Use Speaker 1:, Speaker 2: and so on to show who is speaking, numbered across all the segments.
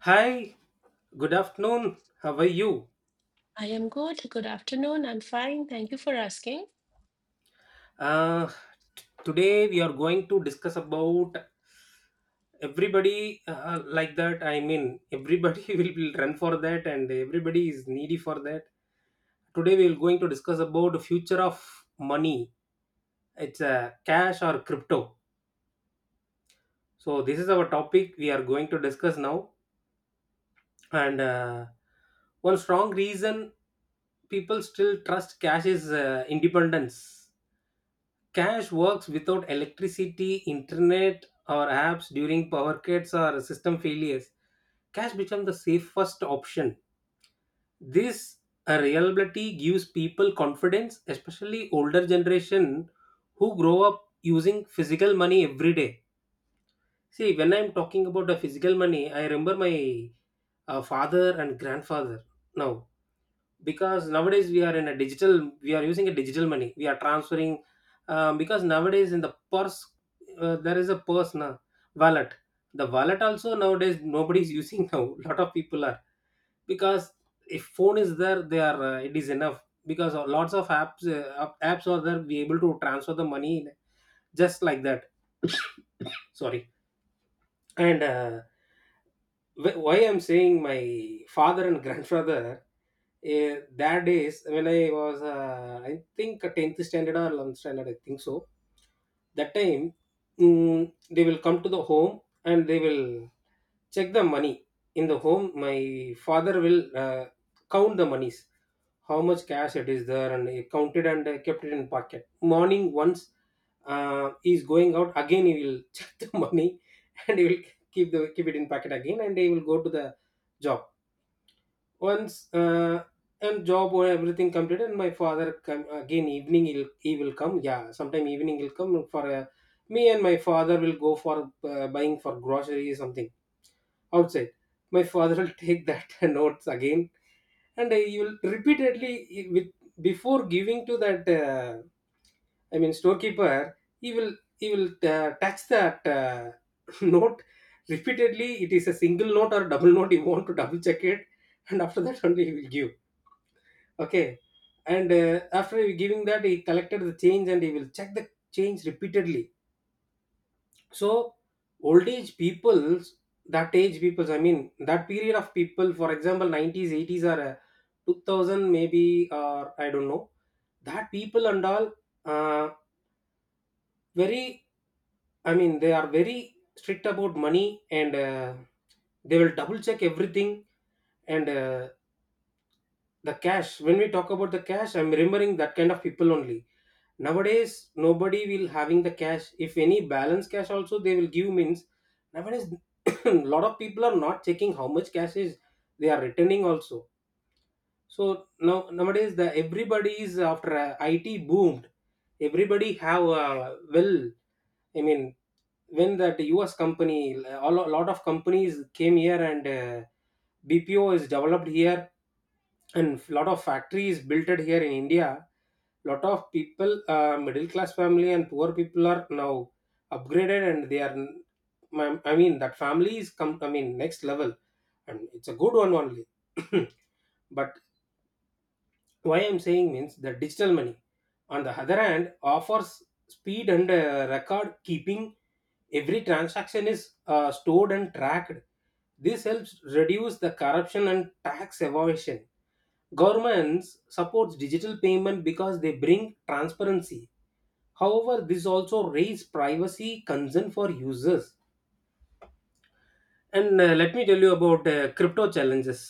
Speaker 1: Hi, good afternoon. How are you?
Speaker 2: I am good. Good afternoon. I'm fine. Thank you for asking.
Speaker 1: Uh, today we are going to discuss about everybody like that. I mean, everybody will run for that, and everybody is needy for that. Today we are going to discuss about the future of money. It's cash or crypto. So this is our topic we are going to discuss now. And One strong reason people still trust cash is independence. Cash works without electricity, internet, or apps. During power cuts or system failures, cash becomes the safest option. This reliability gives people confidence, especially older generation who grow up using physical money every day. See, when I'm talking about the physical money, I remember my father and grandfather now, because nowadays we are in a digital money, we are transferring. Because nowadays in the purse, there is a purse now, wallet. The wallet also nowadays nobody is using now. Lot of people are, because if phone is there, they are, it is enough because of lots of apps. Apps are there, be able to transfer the money just like that. Sorry. And uh, wh- why I'm saying my father and grandfather. That days when I was, I think, 10th standard or 11th standard, I think so. That time, they will come to the home and they will check the money in the home. My father will count the monies, how much cash it is there, and he counted and kept it in pocket. Morning once he's going out again, he will check the money and he will keep it in pocket again, and he will go to the job once. And job or everything completed, my father come again evening, he will come, yeah, sometime evening he'll come for a, me and my father will go for buying for grocery something outside. My father will take that notes again, and he will repeatedly with, before giving to that I mean storekeeper, he will touch that note repeatedly. It is a single note or double note, he want to double check it, and after that only he will give. Okay. And after giving that, he collected the change and he will check the change repeatedly. So, old age peoples, that age peoples, I mean, that period of people, for example, 90s, 80s, or 2000, maybe, or I don't know, that people and all, uh, very, I mean, they are very strict about money, and they will double check everything. And the cash, when we talk about the cash, I'm remembering that kind of people only. Nowadays nobody will having the cash. If any balance cash also they will give, means nowadays lot of people are not checking how much cash is they are returning also. So now, nowadays, the everybody is after, it boomed. Everybody have, well, I mean, when that US company, lot of companies came here, and BPO is developed here, and lot of factories built it here in India. Lot of people, middle class family and poor people, are now upgraded, and they are, I mean that family is come, I mean next level, and it's a good one only. But why I'm saying means, the digital money on the other hand offers speed and record keeping. Every transaction is stored and tracked. This helps reduce the corruption and tax evasion. Governments supports digital payment because they bring transparency. However, this also raise privacy concern for users. And let me tell you about crypto challenges.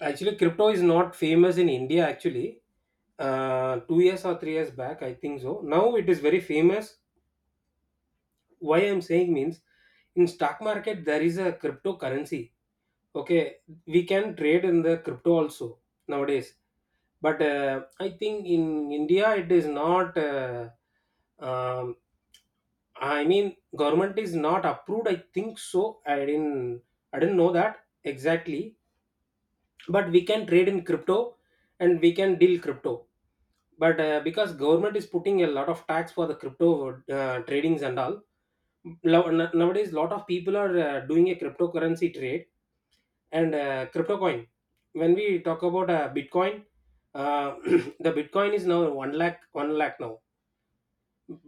Speaker 1: Actually, crypto is not famous in India. Actually, 2 years or 3 years back, I think so. Now it is very famous. Why I'm saying means, in stock market there is a cryptocurrency. Okay, we can trade in the crypto also nowadays. But I think in India it is not. Um, I mean, government is not approved. I think so. I didn't know that exactly. But we can trade in crypto and we can deal crypto. But because government is putting a lot of tax for the crypto tradings and all, nowadays lot of people are doing a cryptocurrency trade. And crypto coin, when we talk about bitcoin, uh, the bitcoin is now 1 lakh, 1 lakh now.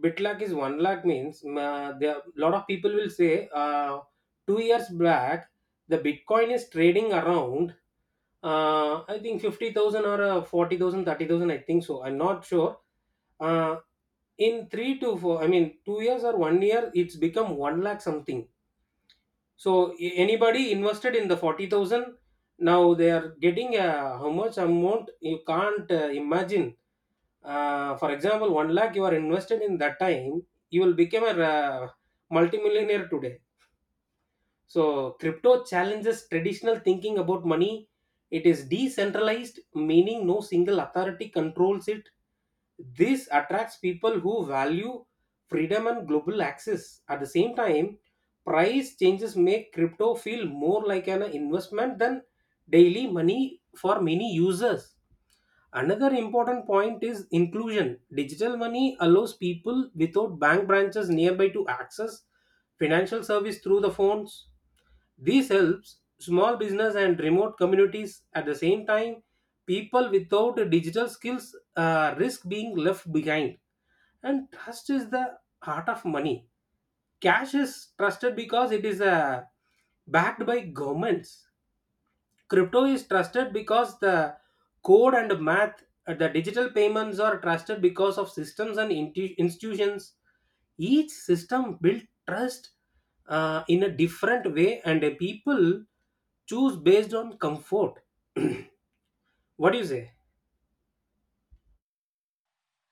Speaker 1: Bit Lakh is one lakh means, there a lot of people will say, 2 years back the bitcoin is trading around I think 50,000 or 40,000, I think so, I'm not sure. uh, in three to four, I mean 2 years or one year, it's become one lakh something. So, anybody invested in the 40,000, now they are getting, how much amount you can't imagine. For example, 1 lakh you are invested in that time, you will become a multimillionaire today. So, crypto challenges traditional thinking about money. It is decentralized, meaning no single authority controls it. This attracts people who value freedom and global access. At the same time, price changes make crypto feel more like an investment than daily money for many users. Another important point is inclusion. Digital money allows people without bank branches nearby to access financial service through the phones. This helps small business and remote communities. At the same time, people without digital skills risk being left behind. And trust is the heart of money. Cash is trusted because it is backed by governments. Crypto is trusted because the code and math. The digital payments are trusted because of systems and institutions. Each system built trust in a different way, and people choose based on comfort. What do you say?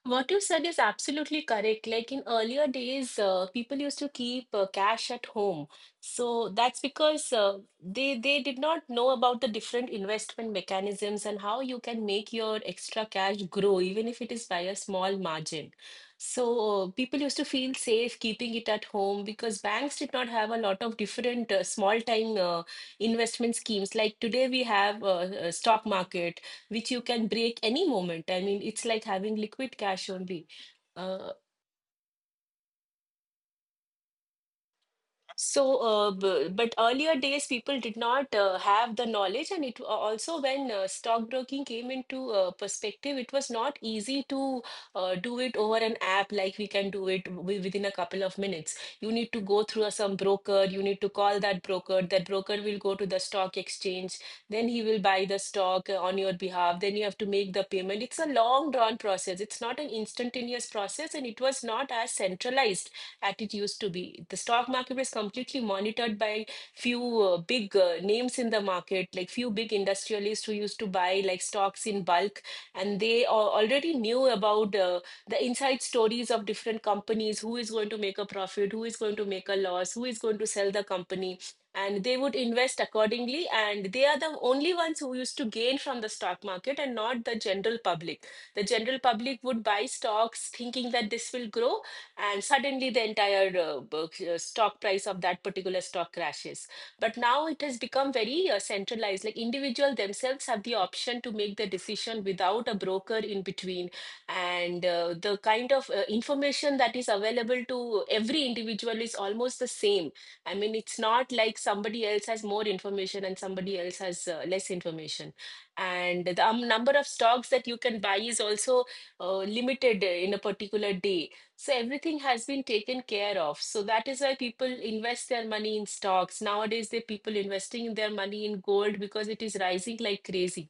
Speaker 2: What you said is absolutely correct. Like in earlier days, people used to keep cash at home. So that's because they did not know about the different investment mechanisms and how you can make your extra cash grow, even if it is by a small margin. So people used to feel safe keeping it at home because banks did not have a lot of different small time investment schemes. Like today, we have stock market which you can break any moment. I mean, it's like having liquid cash only. Uh, So, but earlier days, people did not have the knowledge, and it also, when stockbroking came into perspective, it was not easy to do it over an app like we can do it within a couple of minutes. You need to go through some broker, you need to call that broker. That broker will go to the stock exchange, then he will buy the stock on your behalf. Then you have to make the payment. It's a long drawn process. It's not an instantaneous process, and it was not as centralized at it used to be. The stock market was completely monitored by few big names in the market, like few big industrialists who used to buy like stocks in bulk, and they already knew about the inside stories of different companies, who is going to make a profit, who is going to make a loss, who is going to sell the company. And they would invest accordingly, and they are the only ones who used to gain from the stock market and not the general public. The general public would buy stocks thinking that this will grow, and suddenly the entire stock price of that particular stock crashes. But now it has become very centralized. Like individual themselves have the option to make the decision without a broker in between, and the kind of information that is available to every individual is almost the same. I mean, it's not like somebody else has more information and somebody else has less information. And the number of stocks that you can buy is also limited in a particular day, so everything has been taken care of. So that is why people invest their money in stocks. Nowadays, the people investing their money in gold because it is rising like crazy.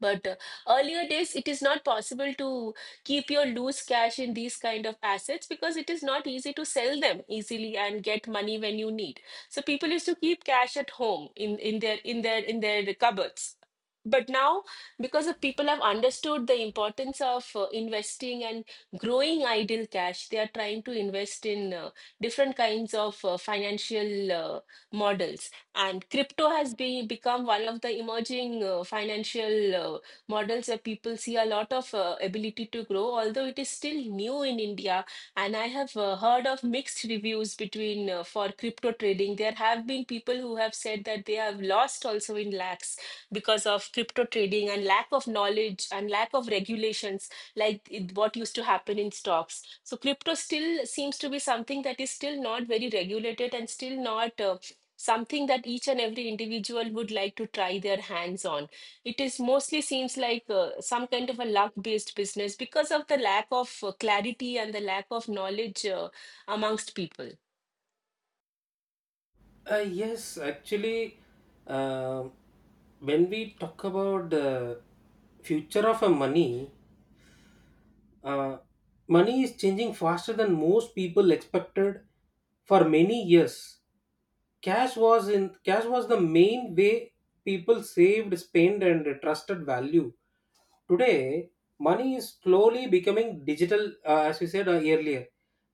Speaker 2: But earlier days, it is not possible to keep your loose cash in these kind of assets because it is not easy to sell them easily and get money when you need. So people used to keep cash at home in their cupboards. But now, because of people have understood the importance of investing and growing idle cash, they are trying to invest in different kinds of financial models, and crypto has become one of the emerging financial models where people see a lot of ability to grow, although it is still new in India. And I have heard of mixed reviews between for crypto trading. There have been people who have said that they have lost also in lakhs because of crypto trading and lack of knowledge and lack of regulations, like what used to happen in stocks. So crypto still seems to be something that is still not very regulated and still not. Something that each and every individual would like to try their hands on. It is mostly seems like some kind of a luck-based business because of the lack of clarity and the lack of knowledge amongst people.
Speaker 1: Yes, actually, um when we talk about the future of a money, uh, money is changing faster than most people expected. For many years, cash was the main way people saved, spent, and trusted value. Today, money is slowly becoming digital, as we said earlier,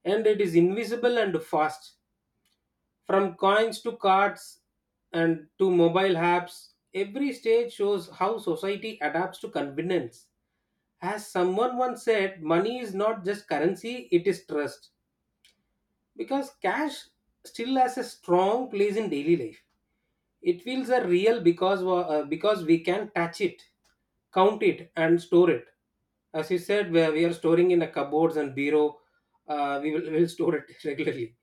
Speaker 1: and it is invisible and fast. From coins to cards and to mobile apps, every stage shows how society adapts to convenience. As someone once said, money is not just currency, it is trust. Because cash still has a strong place in daily life, it feels a real because because we can touch it, count it, and store it. As you said, where we are storing in a cupboards and bureau, will store it regularly.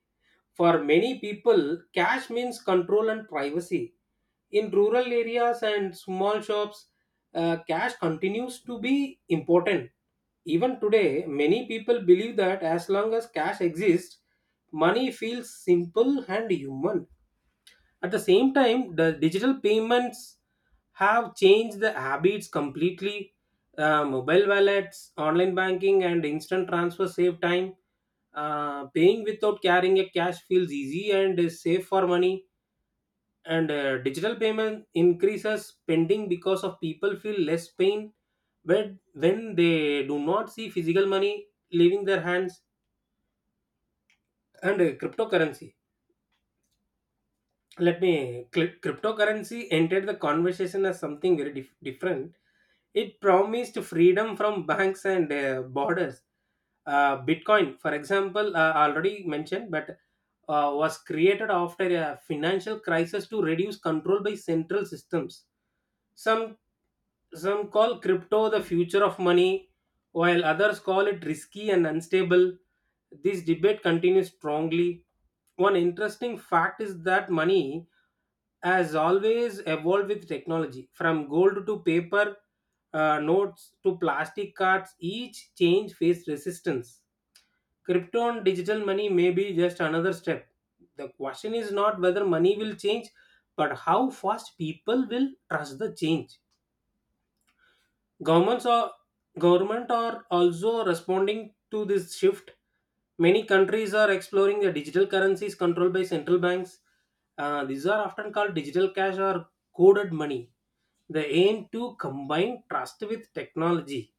Speaker 1: For many people, cash means control and privacy. In rural areas and small shops, cash continues to be important. Even today, many people believe that as long as cash exists, money feels simple and human. At the same time, the digital payments have changed the habits completely. Mobile wallets, online banking, and instant transfer save time. Paying without carrying a cash feels easy and is safe for money. And digital payment increases spending because of people feel less pain when they do not see physical money leaving their hands. And cryptocurrency, cryptocurrency entered the conversation as something very different. It promised freedom from banks and borders. Bitcoin, for example, already mentioned, but was created after a financial crisis to reduce control by central systems. some Some call crypto the future of money, while others call it risky and unstable. This debate continues strongly. One interesting fact is that money has always evolved with technology, from gold to paper notes to plastic cards. Each change faced resistance. Crypto and digital money may be just another step. The question is not whether money will change, but how fast people will trust the change. Governments are Government are also responding to this shift. Many countries are exploring the digital currencies controlled by central banks. These are often called digital cash or coded money. They aim to combine trust with technology.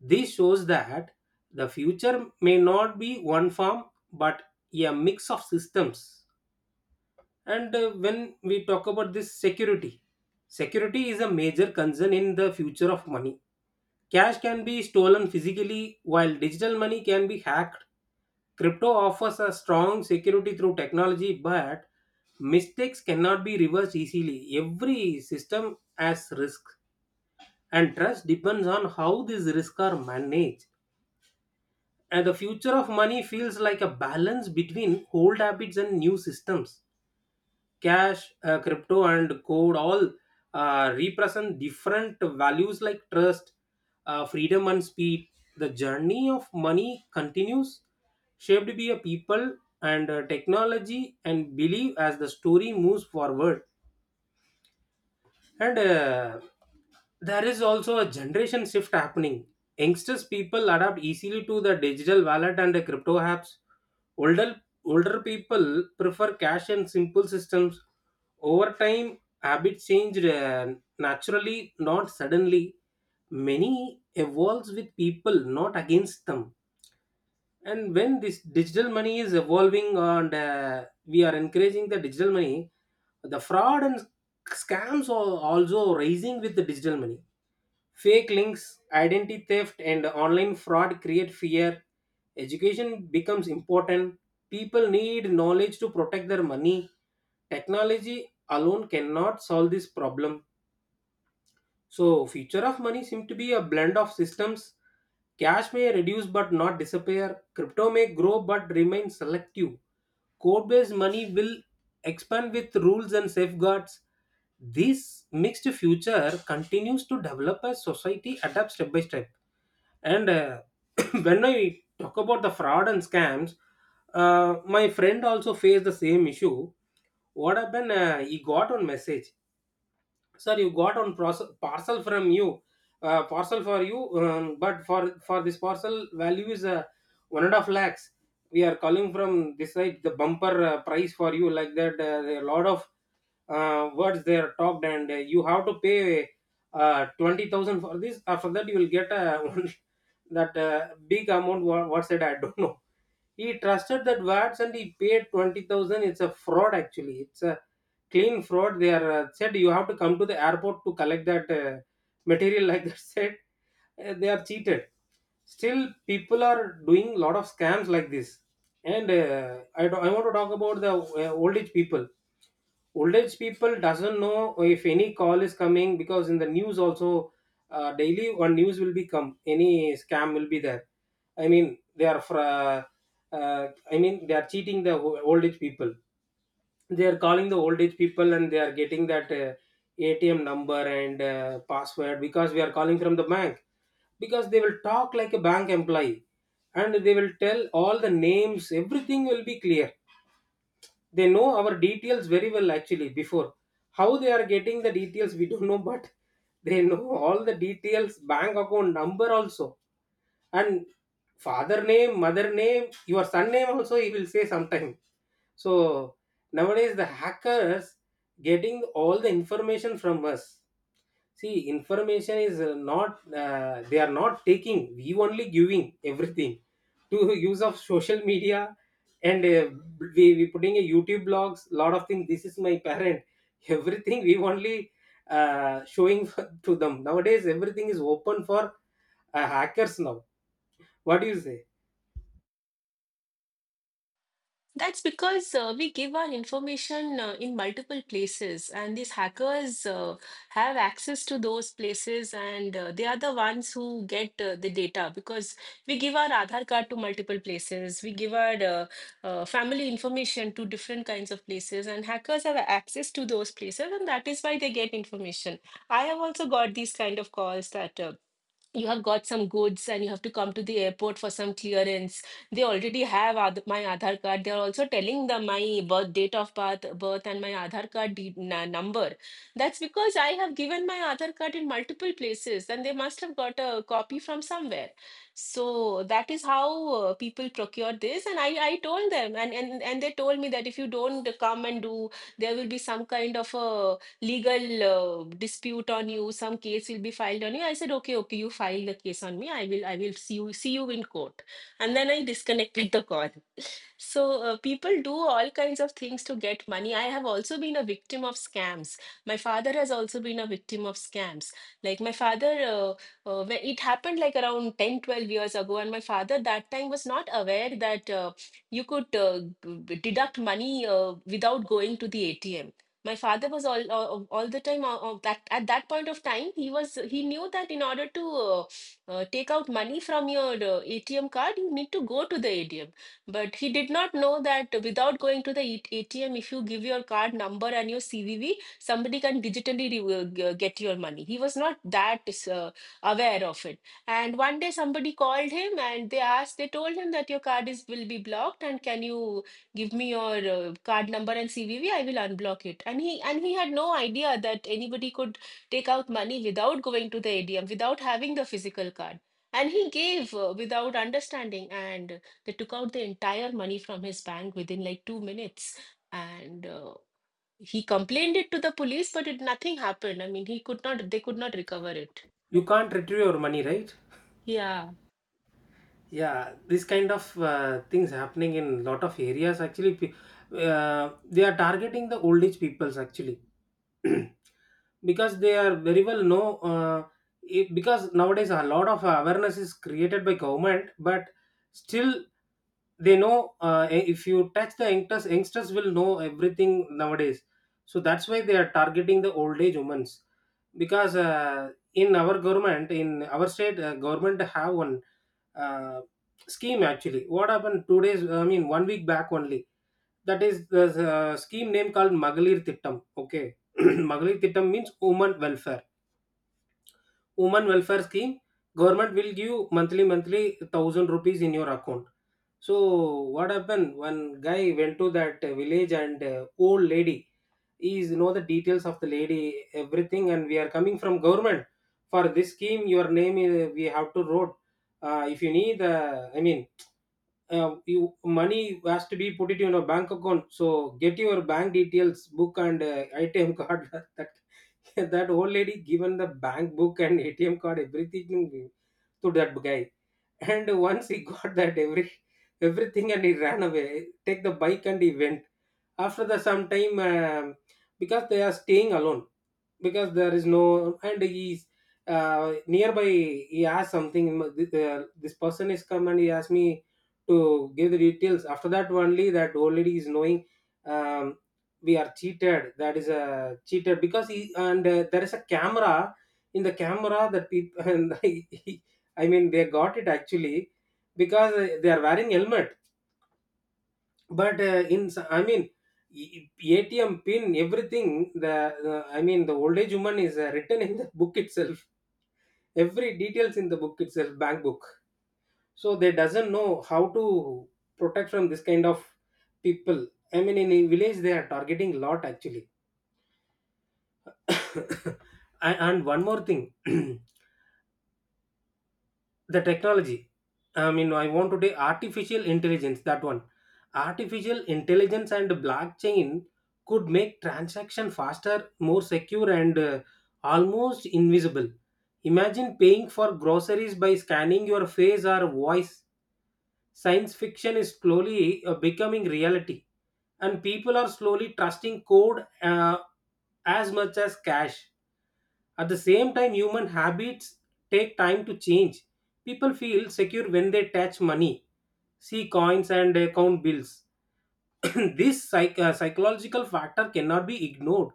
Speaker 1: This shows that the future may not be one form, but a mix of systems. And when we talk about this security, security is a major concern in the future of money. Cash can be stolen physically, while digital money can be hacked. Crypto offers a strong security through technology, but mistakes cannot be reversed easily. Every system has risk, and trust depends on how these risks are managed. And the future of money feels like a balance between old habits and new systems. Cash, crypto, and code all represent different values like trust, freedom, and speed. The journey of money continues, shaped by a people and technology and belief as the story moves forward. And there is also a generation shift happening. Youngsters people adapt easily to the digital wallet and the crypto apps. Older people prefer cash and simple systems. Over time, habits change naturally, not suddenly. Many evolves with people, not against them, and when this digital money is evolving, and we are encouraging the digital money, the fraud and scams are also rising with the digital money. Fake links, identity theft, and online fraud create fear. Education becomes important. People need knowledge to protect their money. Technology alone cannot solve this problem. So, future of money seems to be a blend of systems. Cash may reduce but not disappear. Crypto may grow but remain selective. Code-based money will expand with rules and safeguards. This mixed future continues to develop as society adapts step by step. And when I talk about the fraud and scams, my friend also faced the same issue. What happened? He got one message. Sir, you got on process, parcel from you, parcel for you, but for this parcel value is one and a half lakhs. We are calling from this side, the bumper price for you, like that. There are a lot of words they are talked, and you have to pay 20,000 for this. After that you will get that big amount. What said? I don't know. He trusted that words and he paid 20,000. It's a fraud actually. It's a clean fraud. They are said you have to come to the airport to collect that material like that said. They are cheated. Still, people are doing lot of scams like this. And I want to talk about the old age people. Old age people doesn't know if any call is coming, because in the news also daily one news will be come, any scam will be there. I mean they are for, I mean they are cheating the old age people. They are calling the old age people and they are getting that ATM number and password, because we are calling from the bank, because they will talk like a bank employee, and they will tell all the names, everything will be clear. They know our details very well, actually. Before, how they are getting the details, we don't know, but they know all the details, bank account number also, and father name, mother name, your son name also he will say sometime. So nowadays the hackers getting all the information from us. See, information is not, they are not taking, we only giving everything to use of social media. And we putting a YouTube blogs, lot of things. This is my parent, everything we only showing to them. Nowadays, everything is open for hackers now. What do you say?
Speaker 2: That's because we give our information in multiple places, and these hackers have access to those places, and they are the ones who get the data, because we give our Aadhaar card to multiple places, we give our family information to different kinds of places, and hackers have access to those places, and that is why they get information. I have also got these kind of calls that. You have got some goods and you have to come to the airport for some clearance. They already have my Aadhaar card. They are also telling the my birth date of birth, and my Aadhaar card number. That's because I have given my Aadhaar card in multiple places, and they must have got a copy from somewhere. So that is how people procure this. And I told them, and they told me that if you don't come and do, there will be some kind of a legal dispute on you, some case will be filed on you. I said, okay, okay, you file the case on me, I will see you in court. And then I disconnected the call. So people do all kinds of things to get money. I have also been a victim of scams. My father has also been a victim of scams. Like my father, when it happened like around 10, 12 years ago, and my father that time was not aware that you could deduct money without going to the ATM. My father was all the time, that at that point of time he knew that in order to take out money from your ATM card you need to go to the ATM, but he did not know that without going to the ATM, if you give your card number and your CVV, somebody can digitally uh, get your money. He was not that uh, aware of it. And one day somebody called him and they told him that your card is will be blocked, and can you give me your card number and CVV? I will unblock it. And he had no idea that anybody could take out money without going to the ATM, without having the physical card. And he gave without understanding. And they took out the entire money from his bank within like 2 minutes. And he complained it to the police, but it nothing happened. I mean, he could not, they could not recover it.
Speaker 1: You can't retrieve your money, right?
Speaker 2: Yeah.
Speaker 1: Yeah, this kind of things happening in lot of areas, actually. They are targeting the old age peoples, actually. Because they are very well know it, because nowadays a lot of awareness is created by government, but still they know, if you touch the youngsters, youngsters will know everything nowadays. So that's why they are targeting the old age women's, because in our government, in our state, government have one uh, scheme actually. What happened 2 days, I mean 1 week back only, that is the scheme name called Magalir Thittam. Okay. Magalir Thittam means women welfare, women welfare scheme. Government will give monthly 1,000 rupees in your account. So what happened? One guy went to that village and old lady. He is know the details of the lady, everything, and we are coming from government for this scheme. Your name is, we have to wrote. If you need, you money has to be put it in a bank account. So get your bank details, book and ATM card. That old lady given the bank book and ATM card everything to that guy. And once he got that everything, and he ran away, take the bike and he went. After the some time, because they are staying alone, because there is no, and he's nearby he asked something. This person is come and he asked me to give the details. After that only that old lady is knowing, um, we are cheated. That is a cheated, because he, and there is a camera. In the camera that people and I mean they got it, actually, because they are wearing helmet. But in e- ATM pin everything, the I mean the old age woman is written in the book itself, every details in the book itself, bank book. So they doesn't know how to protect from this kind of people. I mean, in a village they are targeting lot, actually. And one more thing. The technology, I mean, I want to say artificial intelligence, that one. Artificial intelligence and blockchain could make transaction faster, more secure, and almost invisible. Imagine paying for groceries by scanning your face or voice. Science fiction is slowly becoming reality, and people are slowly trusting code as much as cash. At the same time, human habits take time to change. People feel secure when they touch money, see coins, and count bills. This psychological factor cannot be ignored.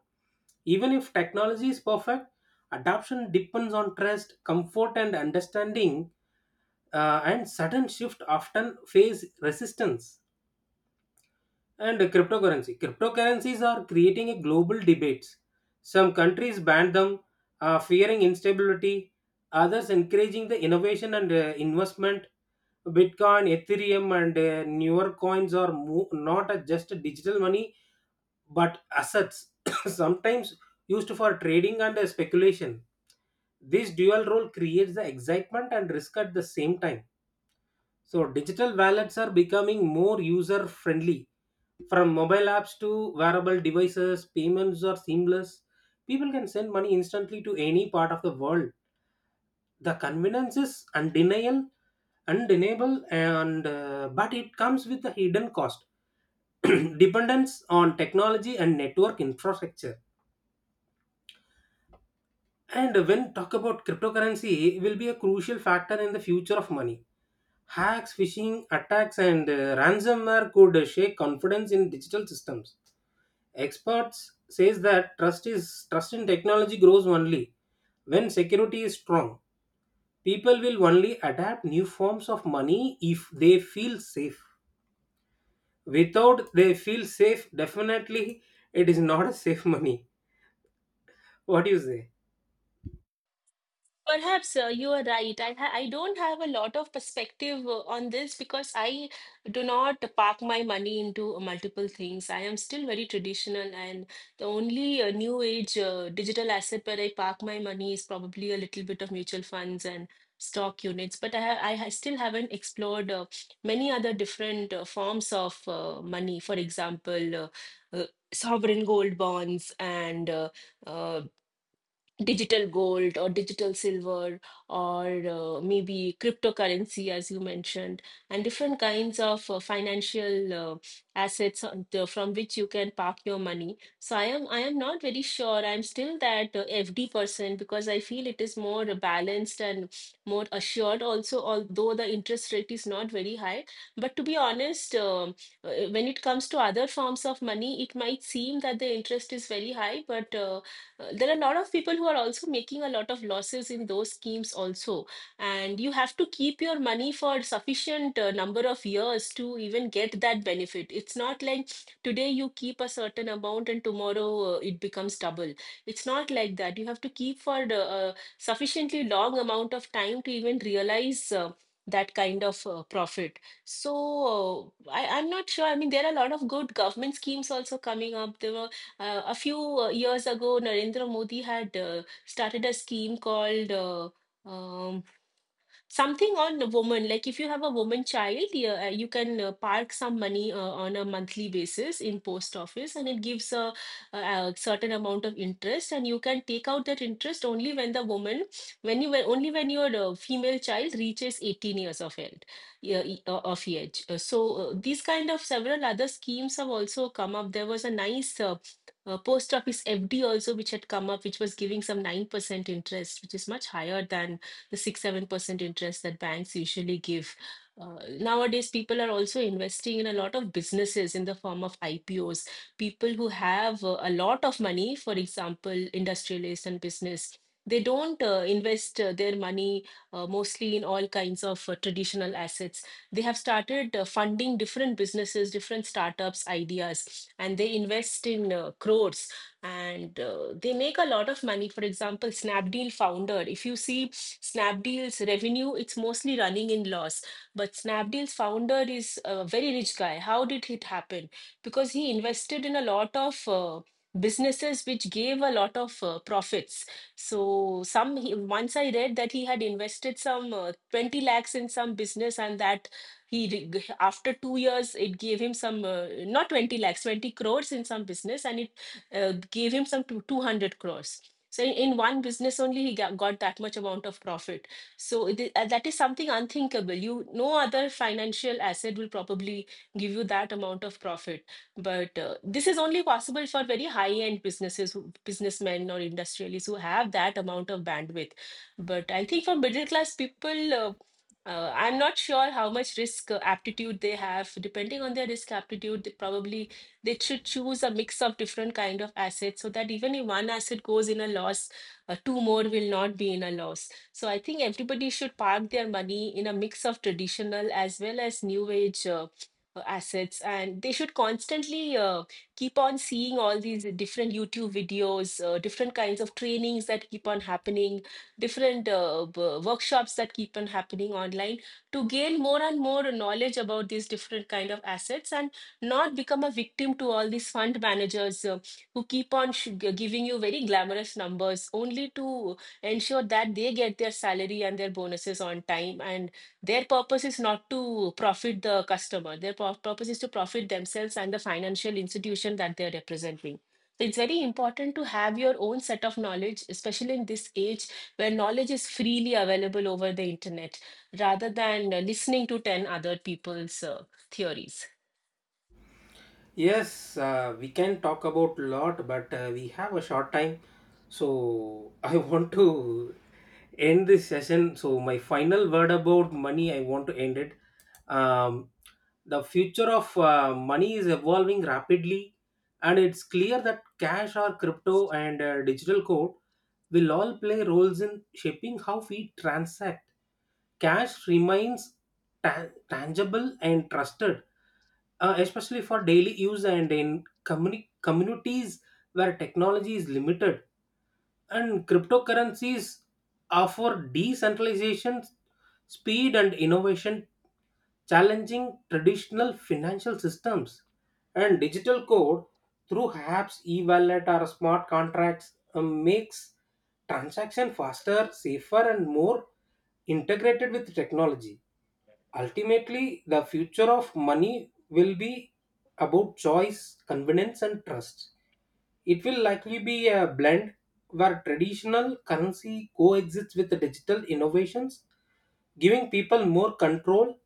Speaker 1: Even if technology is perfect, adoption depends on trust, comfort, and understanding, and sudden shift often face resistance. And cryptocurrency. Cryptocurrencies are creating a global debates. Some countries ban them, fearing instability. Others encouraging the innovation and investment. Bitcoin, Ethereum, and newer coins are not a just a digital money, but assets, sometimes used for trading and speculation. This dual role creates the excitement and risk at the same time. So, digital wallets are becoming more user friendly. From mobile apps to wearable devices, payments are seamless. People can send money instantly to any part of the world. The convenience is undeniable, and but it comes with a hidden cost, dependence on technology and network infrastructure. And when talk about cryptocurrency, will be a crucial factor in the future of money. Hacks, phishing attacks, and ransomware could shake confidence in digital systems. Experts says that trust in technology grows only when security is strong. People will only adapt new forms of money if they feel safe. Without they feel safe, definitely it is not a safe money. What do you say?
Speaker 2: Perhaps you are right. I don't have a lot of perspective on this because I do not park my money into multiple things. I am still very traditional, and the only new age digital asset where I park my money is probably a little bit of mutual funds and stock units. But I ha still haven't explored many other different forms of money. For example, uh, sovereign gold bonds and uh, digital gold or digital silver, or maybe cryptocurrency as you mentioned, and different kinds of financial assets from which you can park your money. So I am not very sure. I'm still that FD person because I feel it is more balanced and more assured also, although the interest rate is not very high. But to be honest, uh, when it comes to other forms of money, it might seem that the interest is very high, but there are a lot of people who are also making a lot of losses in those schemes also, and you have to keep your money for sufficient number of years to even get that benefit. It's not like today you keep a certain amount and tomorrow it becomes double. It's not like that. You have to keep for the sufficiently long amount of time to even realize that kind of profit. So I'm not sure. I mean, there are a lot of good government schemes also coming up. There were a few years ago, Narendra Modi had started a scheme called um, something on a woman, like if you have a woman child, you can park some money on a monthly basis in post office, and it gives a certain amount of interest, and you can take out that interest only when the woman when you were- only when your female child reaches 18 years of age, yeah, e- of age so, these kind of several other schemes have also come up. There was a nice post office FD also, which had come up, which was giving some 9% interest, which is much higher than the 6 7% interest that banks usually give. Nowadays, people are also investing in a lot of businesses in the form of IPOs. People who have a lot of money, for example, industrialists and business, they don't invest their money mostly in all kinds of traditional assets. They have started funding different businesses, different startups, ideas, and they invest in crores, and they make a lot of money. For example, Snapdeal founder, if you see Snapdeal's revenue, it's mostly running in loss. But Snapdeal's founder is a very rich guy. How did it happen? Because he invested in a lot of businesses which gave a lot of profits. So once I read that he had invested some 20 lakhs in some business, and that after 2 years it gave him some not 20 lakhs, 20 crores in some business, and it uh, gave him some 200 crores. So in one business only he got that much amount of profit. So that is something unthinkable. You No other financial asset will probably give you that amount of profit. But this is only possible for very high end businesses, businessmen or industrialists who have that amount of bandwidth. But I think for middle class people, I'm not sure how much risk aptitude they have. Depending on their risk aptitude, they should choose a mix of different kind of assets, so that even if one asset goes in a loss, two more will not be in a loss. So I think everybody should park their money in a mix of traditional as well as new age assets, and they should constantly keep on seeing all these different YouTube videos, different kinds of trainings that keep on happening, different workshops that keep on happening online, to gain more and more knowledge about these different kind of assets, and not become a victim to all these fund managers who keep on giving you very glamorous numbers only to ensure that they get their salary and their bonuses on time, and their purpose is not to profit the customer, their purpose is to profit themselves and the financial institution that they're representing. So it's very important to have your own set of knowledge, especially in this age where knowledge is freely available over the internet, rather than listening to 10 other people's theories.
Speaker 1: Yes, we can talk about lot, but we have a short time. So I want to end this session. So my final word about money, I want to end it. Um, the future of money is evolving rapidly, and it's clear that cash or crypto and digital code will all play roles in shaping how we transact. Cash remains tangible and trusted, especially for daily use and in communities where technology is limited. And cryptocurrencies offer decentralization, speed, and innovation, challenging traditional financial systems, and digital code through apps, e-wallet, or smart contracts makes transaction faster, safer, and more integrated with technology. Ultimately, the future of money will be about choice, convenience, and trust. It will likely be a blend where traditional currency coexists with the digital innovations, giving people more control,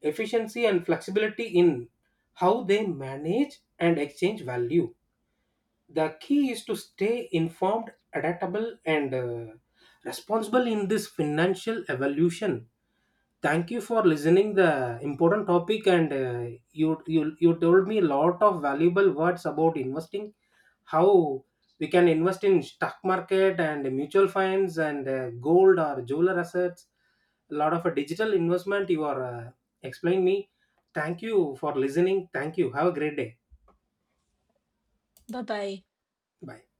Speaker 1: efficiency, and flexibility in how they manage and exchange value. The key is to stay informed, adaptable, and responsible in this financial evolution. Thank you for listening the important topic, and you told me a lot of valuable words about investing, how we can invest in stock market and mutual funds and gold or jeweler assets. A lot of a digital investment you are explaining me. Thank you for listening. Thank you. Have a great day.
Speaker 2: Bye bye.
Speaker 1: Bye.